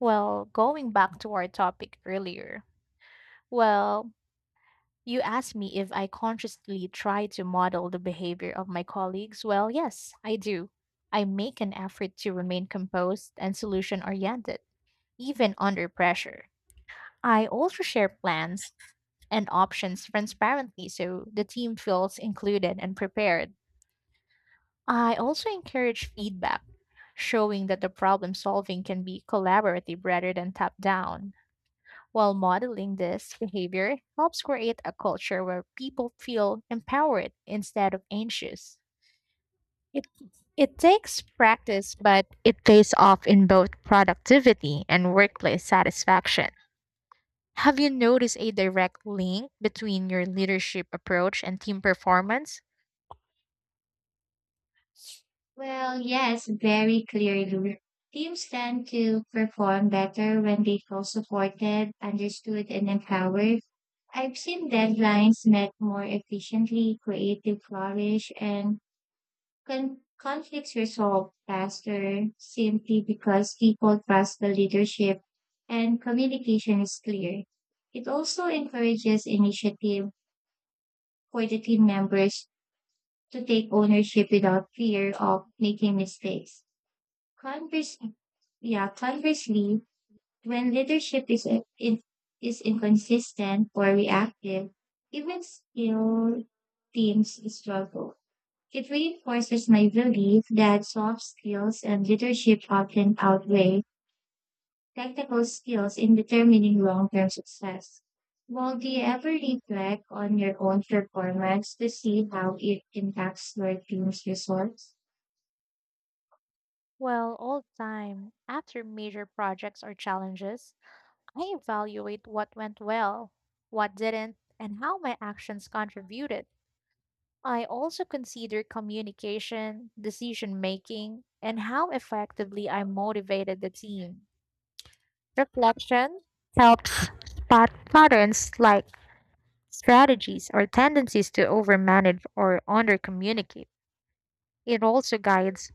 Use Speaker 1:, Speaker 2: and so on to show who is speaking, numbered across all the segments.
Speaker 1: Well, going back to our topic earlier, well, you asked me if I consciously try to model the behavior of my colleagues. Well, yes, I do. I make an effort to remain composed and solution oriented, even under pressure. I also share plans and options transparently so the team feels included and prepared. I also encourage feedback, showing that the problem solving can be collaborative rather than top down. While modeling this behavior helps create a culture where people feel empowered instead of anxious. It, it takes practice, but it pays off in both productivity and workplace satisfaction. Have you noticed a direct link between your leadership approach and team performance?
Speaker 2: Well, yes, very clearly. Teams tend to perform better when they feel supported, understood, and empowered. I've seen deadlines met more efficiently, creative flourish, and conflicts resolved faster simply because people trust the leadership and communication is clear. It also encourages initiative for the team members to take ownership without fear of making mistakes. Converse, yeah, conversely, when leadership is inconsistent or reactive, even skilled teams struggle. It reinforces my belief that soft skills and leadership often outweigh technical skills in determining long-term success. Well, do you ever reflect on your own performance to see how it impacts your team's results?
Speaker 1: Well, all the time, after major projects or challenges, I evaluate what went well, what didn't, and how my actions contributed. I also consider communication, decision making, and how effectively I motivated the team. Reflection helps spot patterns like strategies or tendencies to overmanage or undercommunicate. It also guides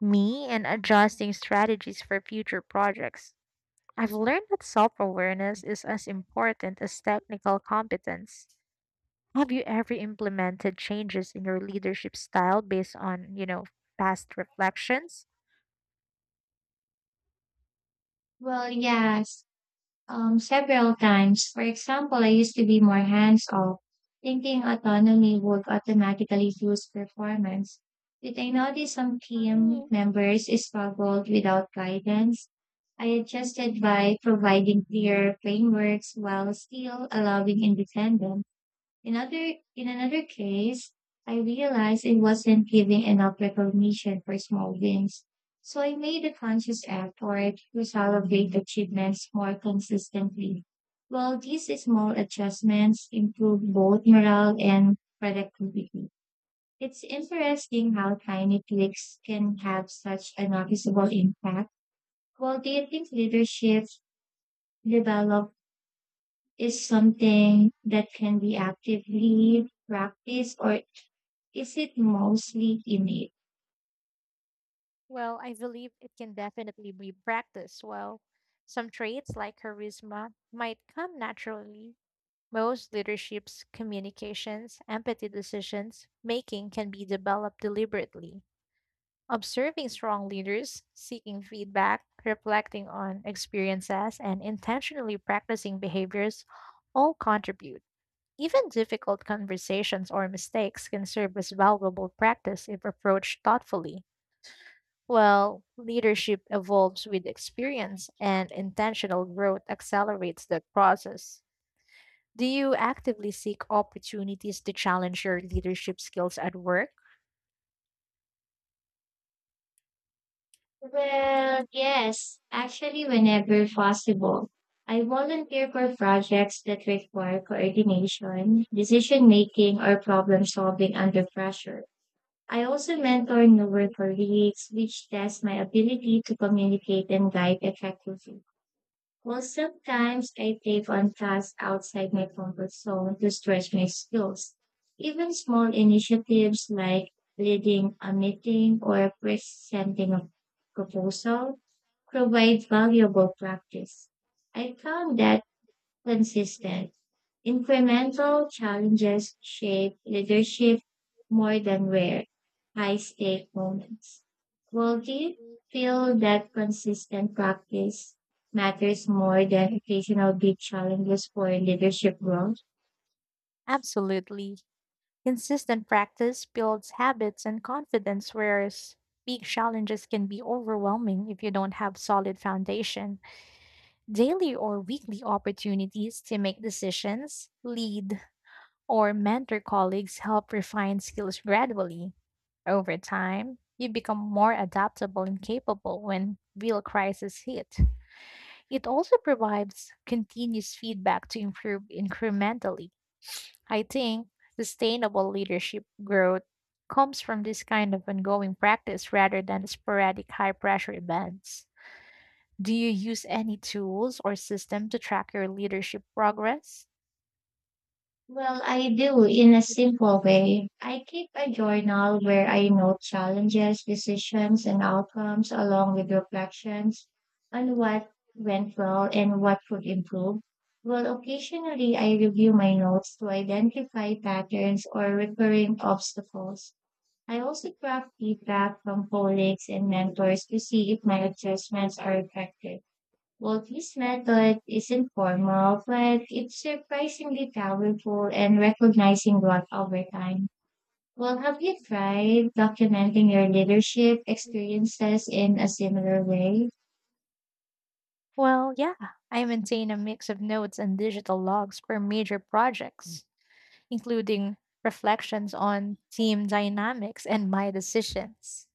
Speaker 1: me in adjusting strategies for future projects. I've learned that self awareness is as important as technical competence. Have you ever implemented changes in your leadership style based on, you know, past reflections?
Speaker 2: Well, yes. Several times. For example, I used to be more hands-off, thinking autonomy would automatically boost performance. Did I notice some
Speaker 1: For
Speaker 2: team
Speaker 1: me,
Speaker 2: members struggled without guidance? I adjusted by providing clear frameworks while still allowing independence. In another case, I realized I wasn't giving enough recognition for small wins. So I made a conscious effort to celebrate achievements more consistently. Well, these small adjustments improve both morale and productivity. It's interesting how tiny tweaks can have such a noticeable impact. Well, do you think leadership develop is something that can be actively practiced or is it mostly innate?
Speaker 1: well, I believe it can definitely be practiced. Well, some traits like charisma might come naturally. Most leaderships, communications, empathy decisions making can be developed deliberately. Observing strong leaders, seeking feedback, reflecting on experiences, and intentionally practicing behaviors all contribute. Even difficult conversations or mistakes can serve as valuable practice if approached thoughtfully. Well, leadership evolves with experience, and intentional growth accelerates that process. Do you actively seek opportunities to challenge your leadership skills at work?
Speaker 2: Well, yes, actually, whenever possible. I volunteer for projects that require coordination, decision making, or problem solving under pressure. I also mentor newer colleagues, which tests my ability to communicate and guide effectively. Well, sometimes I take on tasks outside my comfort zone to stretch my skills. Even small initiatives like leading a meeting or presenting a proposal provide valuable practice. I found that consistent incremental challenges shape leadership more than rare, high stake moments. Will you feel that consistent practice matters more than occasional big challenges for leadership growth?
Speaker 1: Absolutely. Consistent practice builds habits and confidence, whereas big challenges can be overwhelming if you don't have solid foundation. Daily or weekly opportunities to make decisions, lead, or mentor colleagues help refine skills gradually. Over time, you become more adaptable and capable when real crises hit. It also provides continuous feedback to improve incrementally. I think sustainable leadership growth comes from this kind of ongoing practice rather than sporadic high pressure events. Do you use any tools or system to track your leadership progress?
Speaker 2: Well, I do in a simple way. I keep a journal where I note challenges, decisions, and outcomes, along with reflections on what went well and what could improve. Well, occasionally I review my notes to identify patterns or recurring obstacles. I also track feedback from colleagues and mentors to see if my adjustments are effective. Well, this method is informal, but it's surprisingly powerful in recognizing growth over time. Well, have you tried documenting your leadership experiences in a similar way?
Speaker 1: Well, yeah, I maintain a mix of notes and digital logs for major projects, including reflections on team dynamics and my decisions.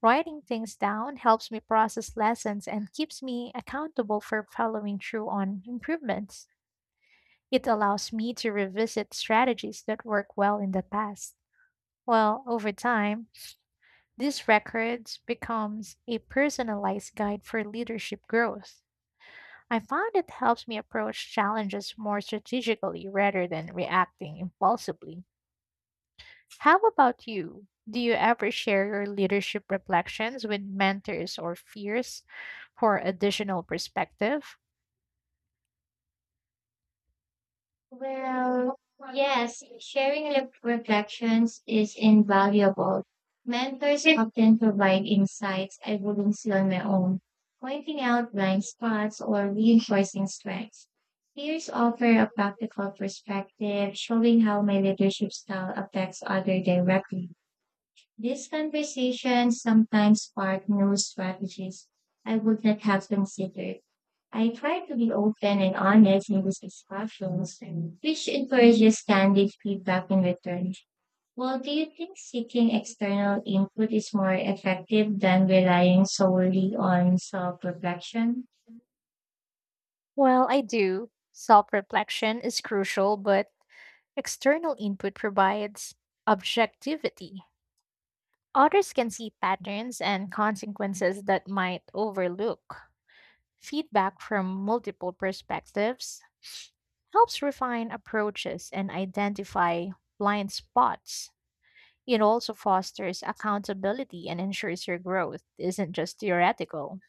Speaker 1: Writing things down helps me process lessons and keeps me accountable for following through on improvements. It allows me to revisit strategies that work well in the past. Well, over time, these records becomes a personalized guide for leadership growth. I found it helps me approach challenges more strategically rather than reacting impulsively. How about you? Do you ever share your leadership reflections with mentors or peers for additional perspective?
Speaker 2: Well, yes, sharing reflections is invaluable. Mentors often provide insights I wouldn't see on my own, pointing out blind spots or reinforcing strengths. Peers offer a practical perspective, showing how my leadership style affects others directly. These conversations sometimes spark new strategies I would not have considered. I try to be open and honest in these discussions, which encourages candid feedback in return. Well, do you think seeking external input is more effective than relying solely on self reflection?
Speaker 1: Well, I do. Self reflection is crucial, but external input provides objectivity. Others can see patterns and consequences that might overlook. Feedback from multiple perspectives helps refine approaches and identify blind spots. It also fosters accountability and ensures your growth isn't just theoretical.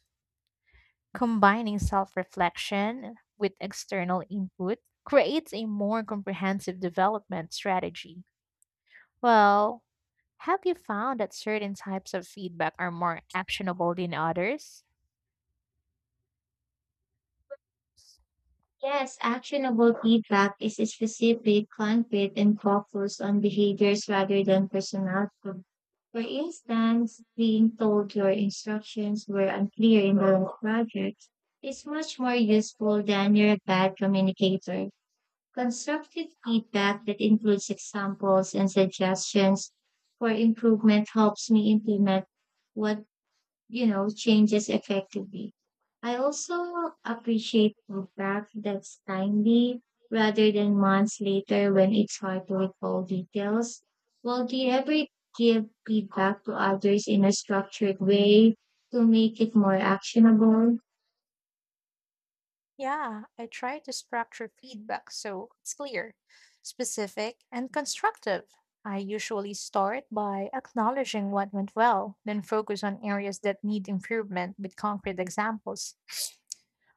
Speaker 1: Combining self reflection with external input creates a more comprehensive development strategy. Well, have you found that certain types of feedback are more actionable than others?
Speaker 2: Yes, actionable feedback is specific, concrete, and focused on behaviors rather than personality. For instance, being told your instructions were unclear in the last project is much more useful than you're a bad communicator. Constructive feedback that includes examples and suggestions for improvement helps me implement what changes effectively. I also appreciate feedback that's timely rather than months later when it's hard to recall details. Well, do you ever give feedback to others in a structured way to make it more actionable?
Speaker 1: Yeah, I try to structure feedback so it's clear, specific, and constructive. I usually start by acknowledging what went well, then focus on areas that need improvement with concrete examples.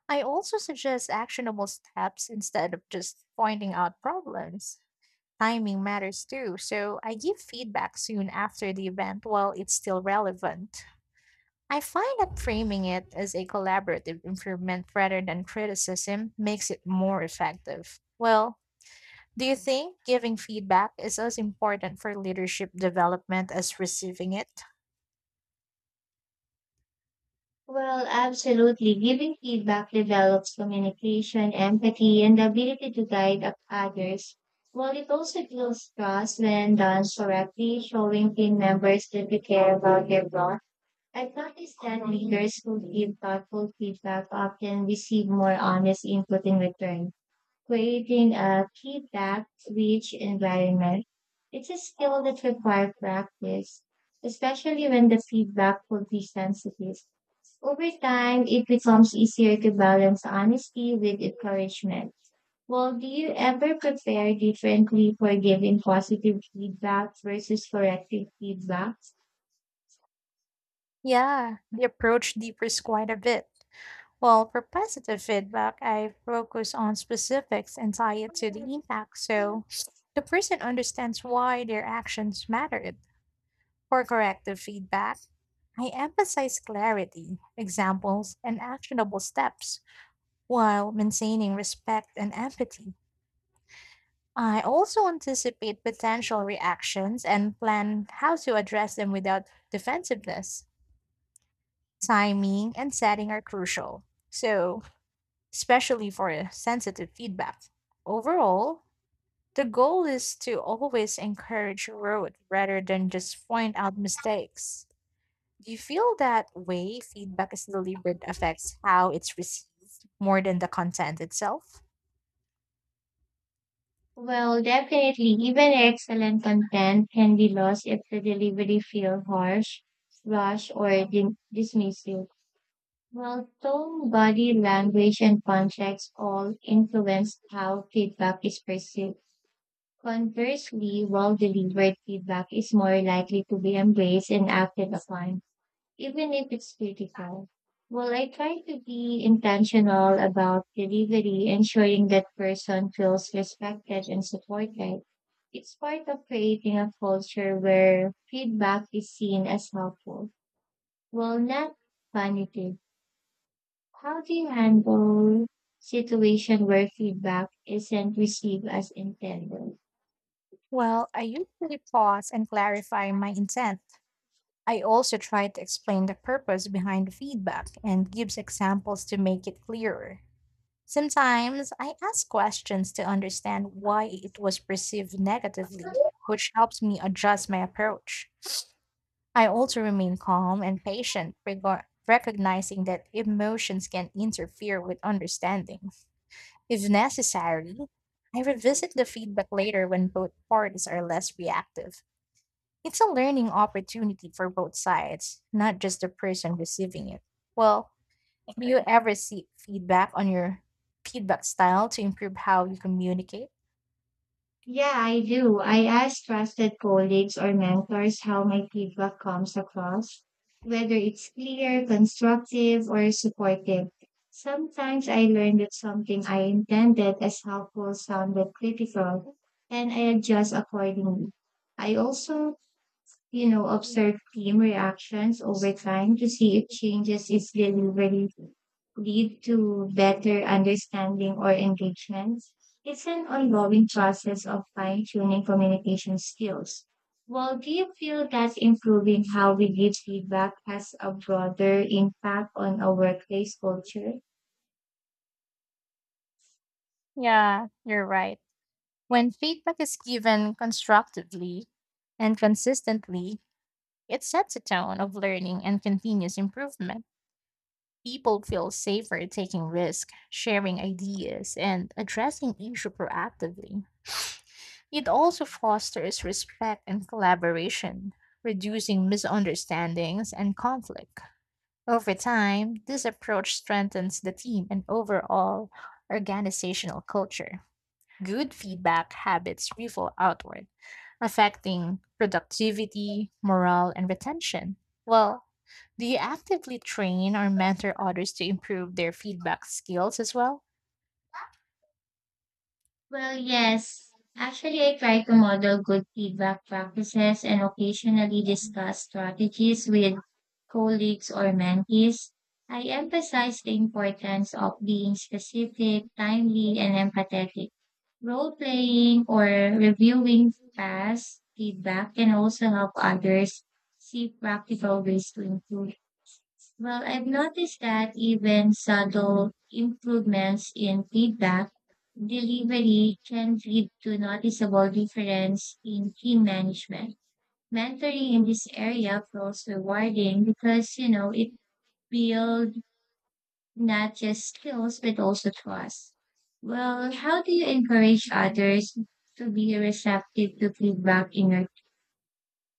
Speaker 1: I also suggest actionable steps instead of just pointing out problems. Timing matters too, so I give feedback soon after the event while it's still relevant. I find that framing it as a collaborative improvement rather than criticism makes it more effective. Well, do you think giving feedback is as important for leadership development as receiving it?
Speaker 2: Well, absolutely. Giving feedback develops communication, empathy, and the ability to guide up others. While it also builds trust when done correctly, showing team members that we care about their growth. I've noticed that leaders who give thoughtful feedback often receive more honest input in return, creating a feedback-rich environment. It's a skill that requires practice, especially when the feedback could be sensitive. Over time, it becomes easier to balance honesty with encouragement. Well, do you ever prepare differently for giving positive feedback versus corrective feedback?
Speaker 1: Yeah, the approach differs quite a bit. Well, for positive feedback, I focus on specifics and tie it to the impact so the person understands why their actions mattered. For corrective feedback, I emphasize clarity, examples, and actionable steps while maintaining respect and empathy. I also anticipate potential reactions and plan how to address them without defensiveness. Timing and setting are crucial, so, especially for sensitive feedback. Overall, the goal is to always encourage growth rather than just point out mistakes. Do you feel that way feedback is delivered affects how it's received more than the content itself?
Speaker 2: Well, definitely, even excellent content can be lost if the delivery feels harsh, rush, or dismissive. Well, tone, body language, and context all influence how feedback is perceived. Conversely, well delivered feedback is more likely to be embraced and acted upon, even if it's critical. Well, I try to be intentional about delivery, ensuring that person feels respected and supported. It's part of creating a culture where feedback is seen as helpful. Well, not punitive. How do you handle situation where feedback isn't received as intended?
Speaker 1: Well, I usually pause and clarify my intent. I also try to explain the purpose behind the feedback and gives examples to make it clearer. Sometimes I ask questions to understand why it was perceived negatively, which helps me adjust my approach. I also remain calm and patient, recognizing that emotions can interfere with understanding. If necessary, I revisit the feedback later when both parties are less reactive. It's a learning opportunity for both sides, not just the person receiving it. Well, do you ever seek feedback on your feedback style to improve how you communicate?
Speaker 2: Yeah, I do. I ask trusted colleagues or mentors how my feedback comes across, whether it's clear, constructive, or supportive. Sometimes I learn that something I intended as helpful sounded critical, and I adjust accordingly. I also observe team reactions over time to see if changes is really lead to better understanding or engagement. It's an ongoing process of fine tuning communication skills. Well, do you feel that improving how we give feedback has a broader impact on our workplace culture?
Speaker 1: Yeah, you're right. When feedback is given constructively and consistently, it sets a tone of learning and continuous improvement. People feel safer taking risks, sharing ideas, and addressing issues proactively. It also fosters respect and collaboration, reducing misunderstandings and conflict. Over time, this approach strengthens the team and overall organizational culture. Good feedback habits ripple outward affecting productivity, morale, and retention. Well, do you actively train or mentor others to improve their feedback skills as well?
Speaker 2: Well, yes. Actually, I try to model good feedback practices and occasionally discuss strategies with colleagues or mentees. I emphasize the importance of being specific, timely, and empathetic. Role playing or reviewing past feedback can also help others see practical ways to improve. Well, I've noticed that even subtle improvements in feedback delivery can lead to noticeable difference in team management. Mentoring in this area feels rewarding because, it builds not just skills, but also trust. Well, how do you encourage others to be receptive to feedback in your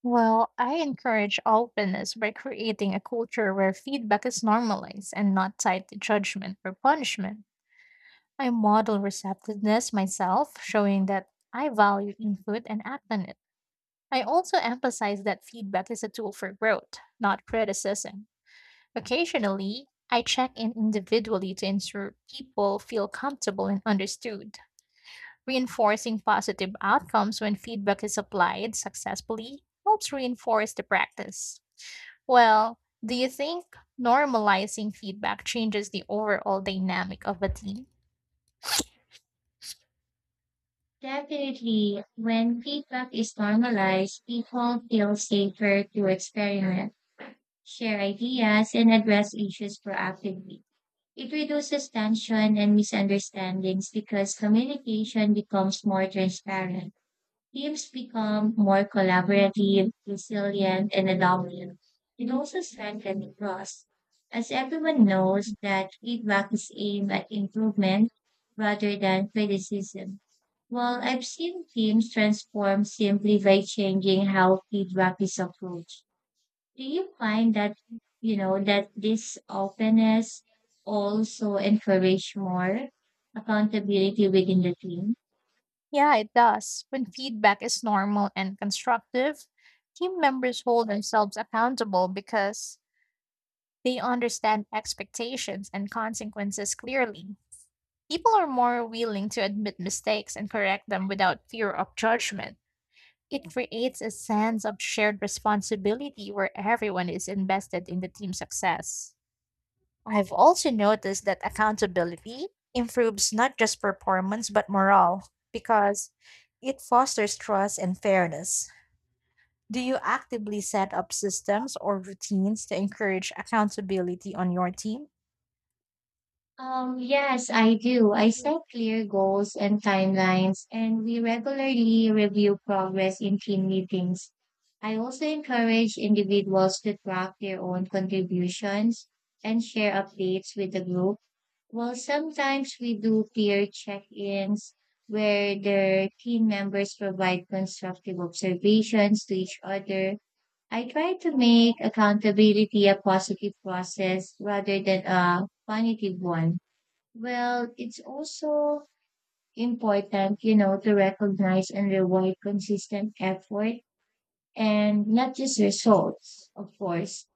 Speaker 1: Well, I encourage openness by creating a culture where feedback is normalized and not tied to judgment or punishment. I model receptiveness myself, showing that I value input and act on it. I also emphasize that feedback is a tool for growth, not criticism. Occasionally, I check in individually to ensure people feel comfortable and understood. Reinforcing positive outcomes when feedback is applied successfully helps reinforce the practice. Well, do you think normalizing feedback changes the overall dynamic of a team?
Speaker 2: definitely, when feedback is normalized, people feel safer to experiment, share ideas, and address issues proactively. It reduces tension and misunderstandings because communication becomes more transparent. Teams become more collaborative, resilient, and adaptive. It also strengthens the trust, as everyone knows that feedback is aimed at improvement rather than criticism. Well, I've seen teams transform simply by changing how feedback is approached. Do you find that, that this openness also encourage more accountability within the team?
Speaker 1: Yeah, it does. When feedback is normal and constructive, team members hold themselves accountable because they understand expectations and consequences clearly. People are more willing to admit mistakes and correct them without fear of judgment. It creates a sense of shared responsibility where everyone is invested in the team's success. I've also noticed that accountability improves not just performance but morale because it fosters trust and fairness. Do you actively set up systems or routines to encourage accountability on your team?
Speaker 2: Yes, I do. I set clear goals and timelines, and we regularly review progress in team meetings. I also encourage individuals to track their own contributions and share updates with the group. Well, sometimes we do peer check-ins where the team members provide constructive observations to each other. I try to make accountability a positive process rather than a punitive one. Well, it's also important, to recognize and reward consistent effort and not just results, of course.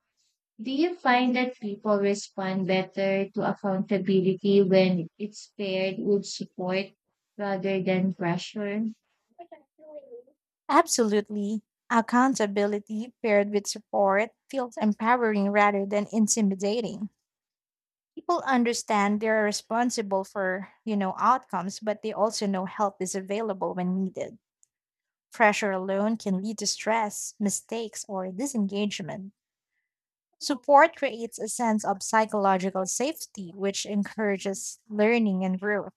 Speaker 2: Do you find that people respond better to accountability when it's paired with support rather than pressure?
Speaker 1: Absolutely. Accountability paired with support feels empowering rather than intimidating. People understand they're responsible for, you know, outcomes, but they also know help is available when needed. Pressure alone can lead to stress, mistakes, or disengagement. Support creates a sense of psychological safety, which encourages learning and growth.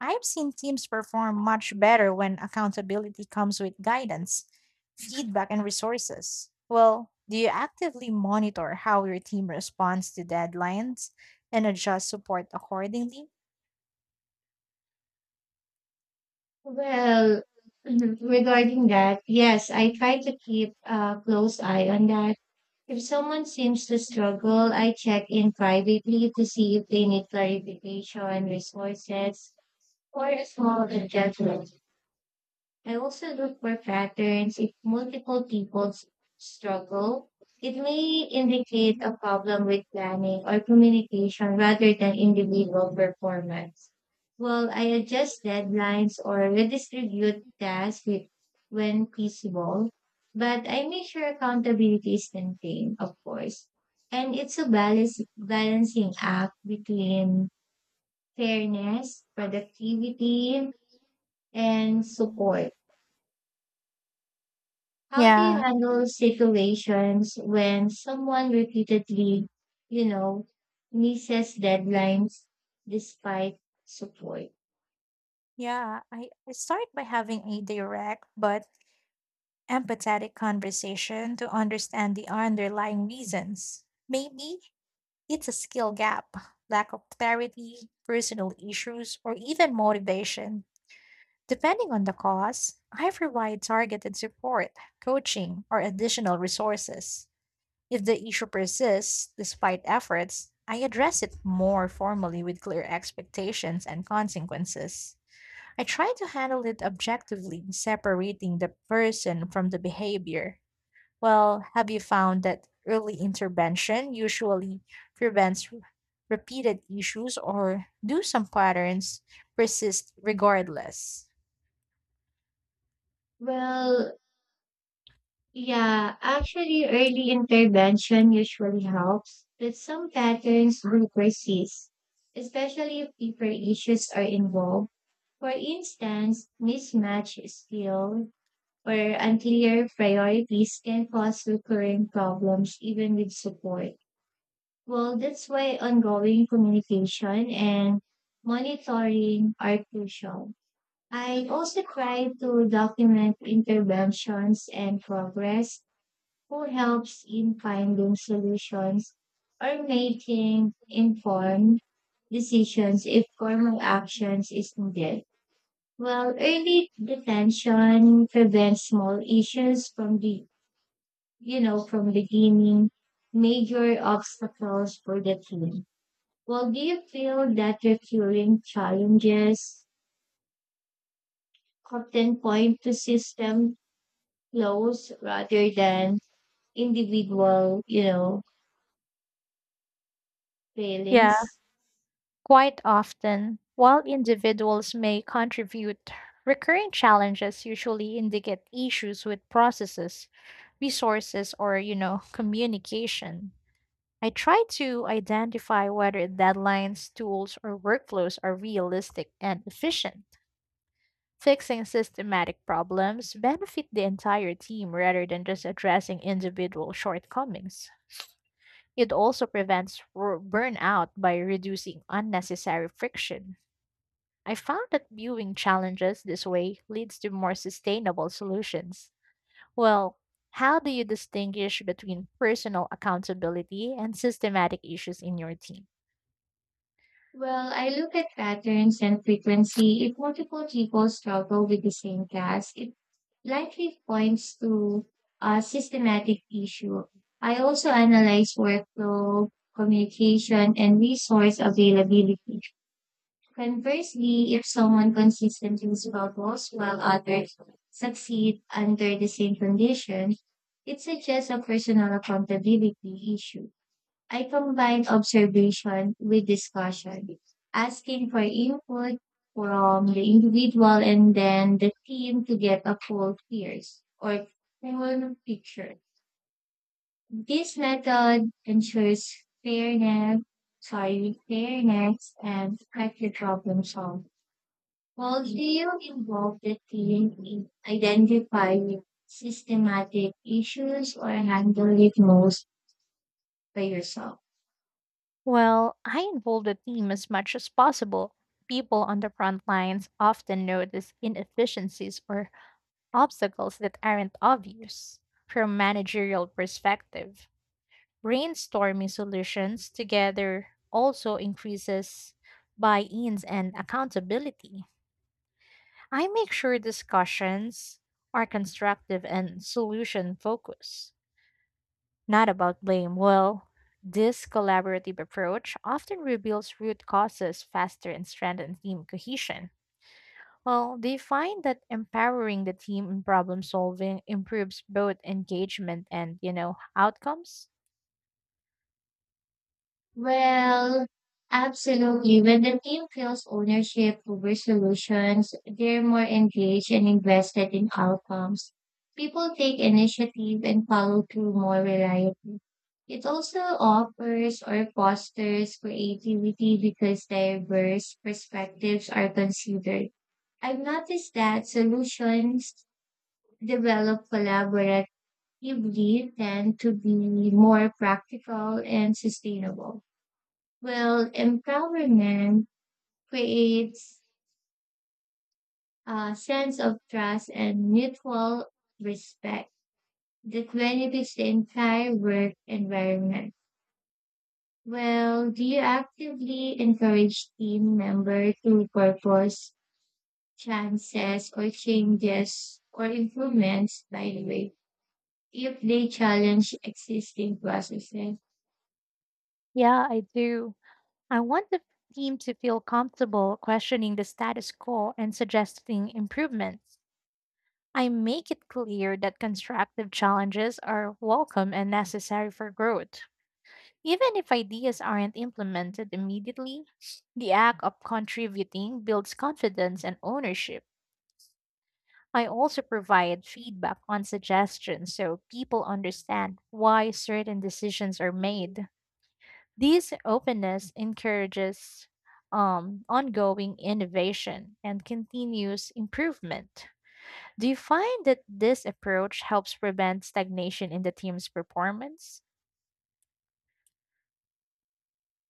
Speaker 1: I've seen teams perform much better when accountability comes with guidance, feedback, and resources. Well, do you actively monitor how your team responds to deadlines and adjust support accordingly?
Speaker 2: Well, regarding that, yes, I try to keep a close eye on that. If someone seems to struggle, I check in privately to see if they need clarification, resources, or a small adjustment. I also look for patterns. If multiple people struggle, it may indicate a problem with planning or communication rather than individual performance. Well, I adjust deadlines or redistribute tasks with, when feasible, but I make sure accountability is maintained, of course. And it's a balancing act between fairness, productivity, and support. How do you
Speaker 1: Yeah,
Speaker 2: handle situations when someone repeatedly, you know, misses deadlines despite support?
Speaker 1: yeah. I start by having a direct but empathetic conversation to understand the underlying reasons. Maybe it's a skill gap, lack of clarity, personal issues, or even motivation. Depending on the cause, I provide targeted support, coaching, or additional resources. If the issue persists despite efforts, I address it more formally with clear expectations and consequences. I try to handle it objectively, separating the person from the behavior. Well, have you found that early intervention usually prevents repeated issues, or do some patterns persist regardless?
Speaker 2: Well, yeah, actually, early intervention usually helps, but some patterns will persist, especially if deeper issues are involved. For instance, mismatch skill or unclear priorities can cause recurring problems even with support. Well, that's why ongoing communication and monitoring are crucial. I also try to document interventions and progress, who helps in finding solutions or making informed decisions if formal actions is needed. Well, early detention prevents small issues from the, from beginning major obstacles for the team. Well, do you feel that recurring challenges often point to system flaws rather than individual,
Speaker 1: Yeah,
Speaker 2: failings?
Speaker 1: quite often, while individuals may contribute, recurring challenges usually indicate issues with processes, resources, or, you know, communication. I try to identify whether deadlines, tools, or workflows are realistic and efficient. Fixing systematic problems benefit the entire team rather than just addressing individual shortcomings. It also prevents burnout by reducing unnecessary friction. I found that viewing challenges this way leads to more sustainable solutions. Well, how do you distinguish between personal accountability and systematic issues in your team?
Speaker 2: Well, I look at patterns and frequency. If multiple people struggle with the same task, it likely points to a systematic issue. I also analyze workflow, communication, and resource availability. Conversely, if someone consistently struggles while others succeed under the same conditions, it suggests a personal accountability issue. I combined observation with discussion, asking for input from the individual and then the team to get a full peers or full picture. This method ensures fairness, fairness and effective problem solving. How do you involve the team in identifying systematic issues or handle it most by yourself?
Speaker 1: Well, I involve the team as much as possible. People on the front lines often notice inefficiencies or obstacles that aren't obvious. From a managerial perspective, brainstorming solutions together also increases buy-ins and accountability. I make sure discussions are constructive and solution focused. Not about blame. Well, this collaborative approach often reveals root causes faster and strengthens team cohesion. Well, they find that empowering the team in problem solving improves both engagement and, you know, outcomes.
Speaker 2: Well, absolutely. When the team feels ownership over solutions, they're more engaged and invested in outcomes. People take initiative and follow through more reliably. It also offers or fosters creativity because diverse perspectives are considered. I've noticed that solutions developed collaboratively tend to be more practical and sustainable. Well, empowerment creates a sense of trust and mutual respect that benefits the entire work environment. Well, do you actively encourage team members to propose chances or changes or improvements, by the way, if they challenge existing processes?
Speaker 1: Yeah, I do. I want the team to feel comfortable questioning the status quo and suggesting improvements. I make it clear that constructive challenges are welcome and necessary for growth. Even if ideas aren't implemented immediately, the act of contributing builds confidence and ownership. I also provide feedback on suggestions so people understand why certain decisions are made. This openness encourages ongoing innovation and continuous improvement. Do you find that this approach helps prevent stagnation in the team's performance?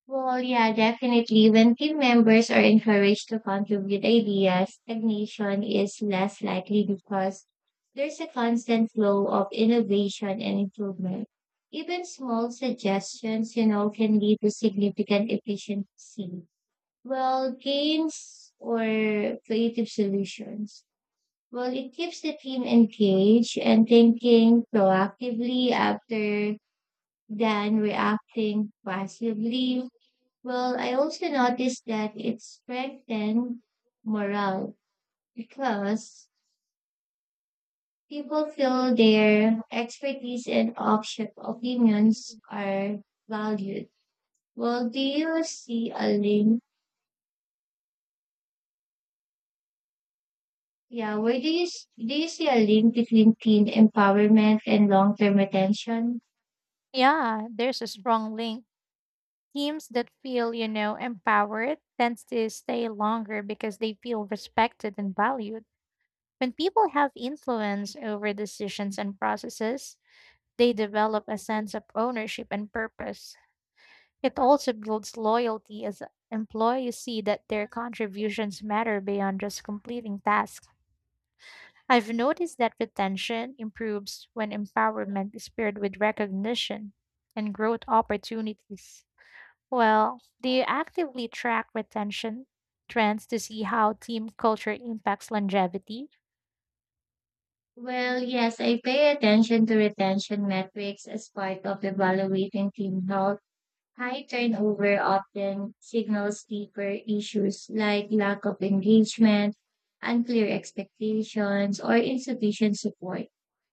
Speaker 2: Well, yeah, definitely. When team members are encouraged to contribute ideas, stagnation is less likely because there's a constant flow of innovation and improvement. Even small suggestions, can lead to significant efficiency. Well, gains or creative solutions. Well, it keeps the team engaged and thinking proactively after than reacting passively. Well, I also noticed that it strengthened morale because people feel their expertise and option, opinions are valued. Well, do you see a link? Yeah, where do you s- do you see a link between teen empowerment and long-term retention?
Speaker 1: Yeah, there's a strong link. Teams that feel, you know, empowered tends to stay longer because they feel respected and valued. When people have influence over decisions and processes, they develop a sense of ownership and purpose. It also builds loyalty as employees see that their contributions matter beyond just completing tasks. I've noticed that retention improves when empowerment is paired with recognition and growth opportunities. Well, do you actively track retention trends to see how team culture impacts longevity?
Speaker 2: Well, yes, I pay attention to retention metrics as part of evaluating teen health. High turnover often signals deeper issues like lack of engagement, unclear expectations, or insufficient support.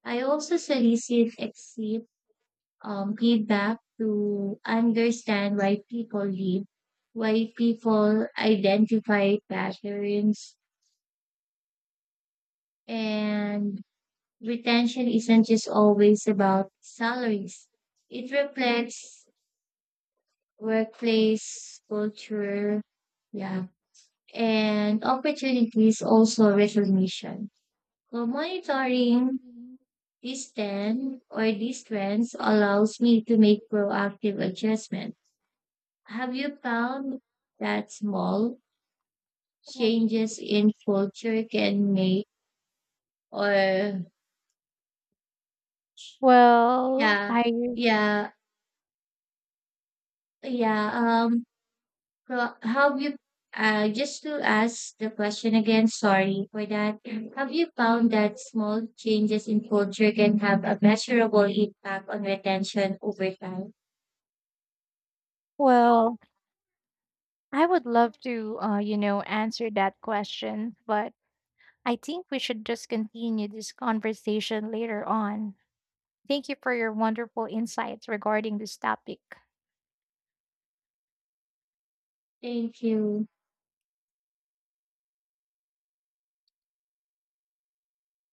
Speaker 2: I also solicit exit feedback to understand why people leave, why people identify patterns, and retention isn't just always about salaries. It reflects workplace culture, yeah, and opportunities also recognition. So monitoring this trend or these trends allows me to make proactive adjustment. Have you found that small changes in culture can make or
Speaker 1: Well,
Speaker 2: yeah
Speaker 1: I
Speaker 2: yeah yeah Well, have you, just to ask the question again, sorry for that. Have you found that small changes in culture can have a measurable impact on retention over time?
Speaker 1: well, I would love to you know, answer that question, but I think we should just continue this conversation later on. Thank you for your wonderful insights regarding this topic.
Speaker 2: Thank you.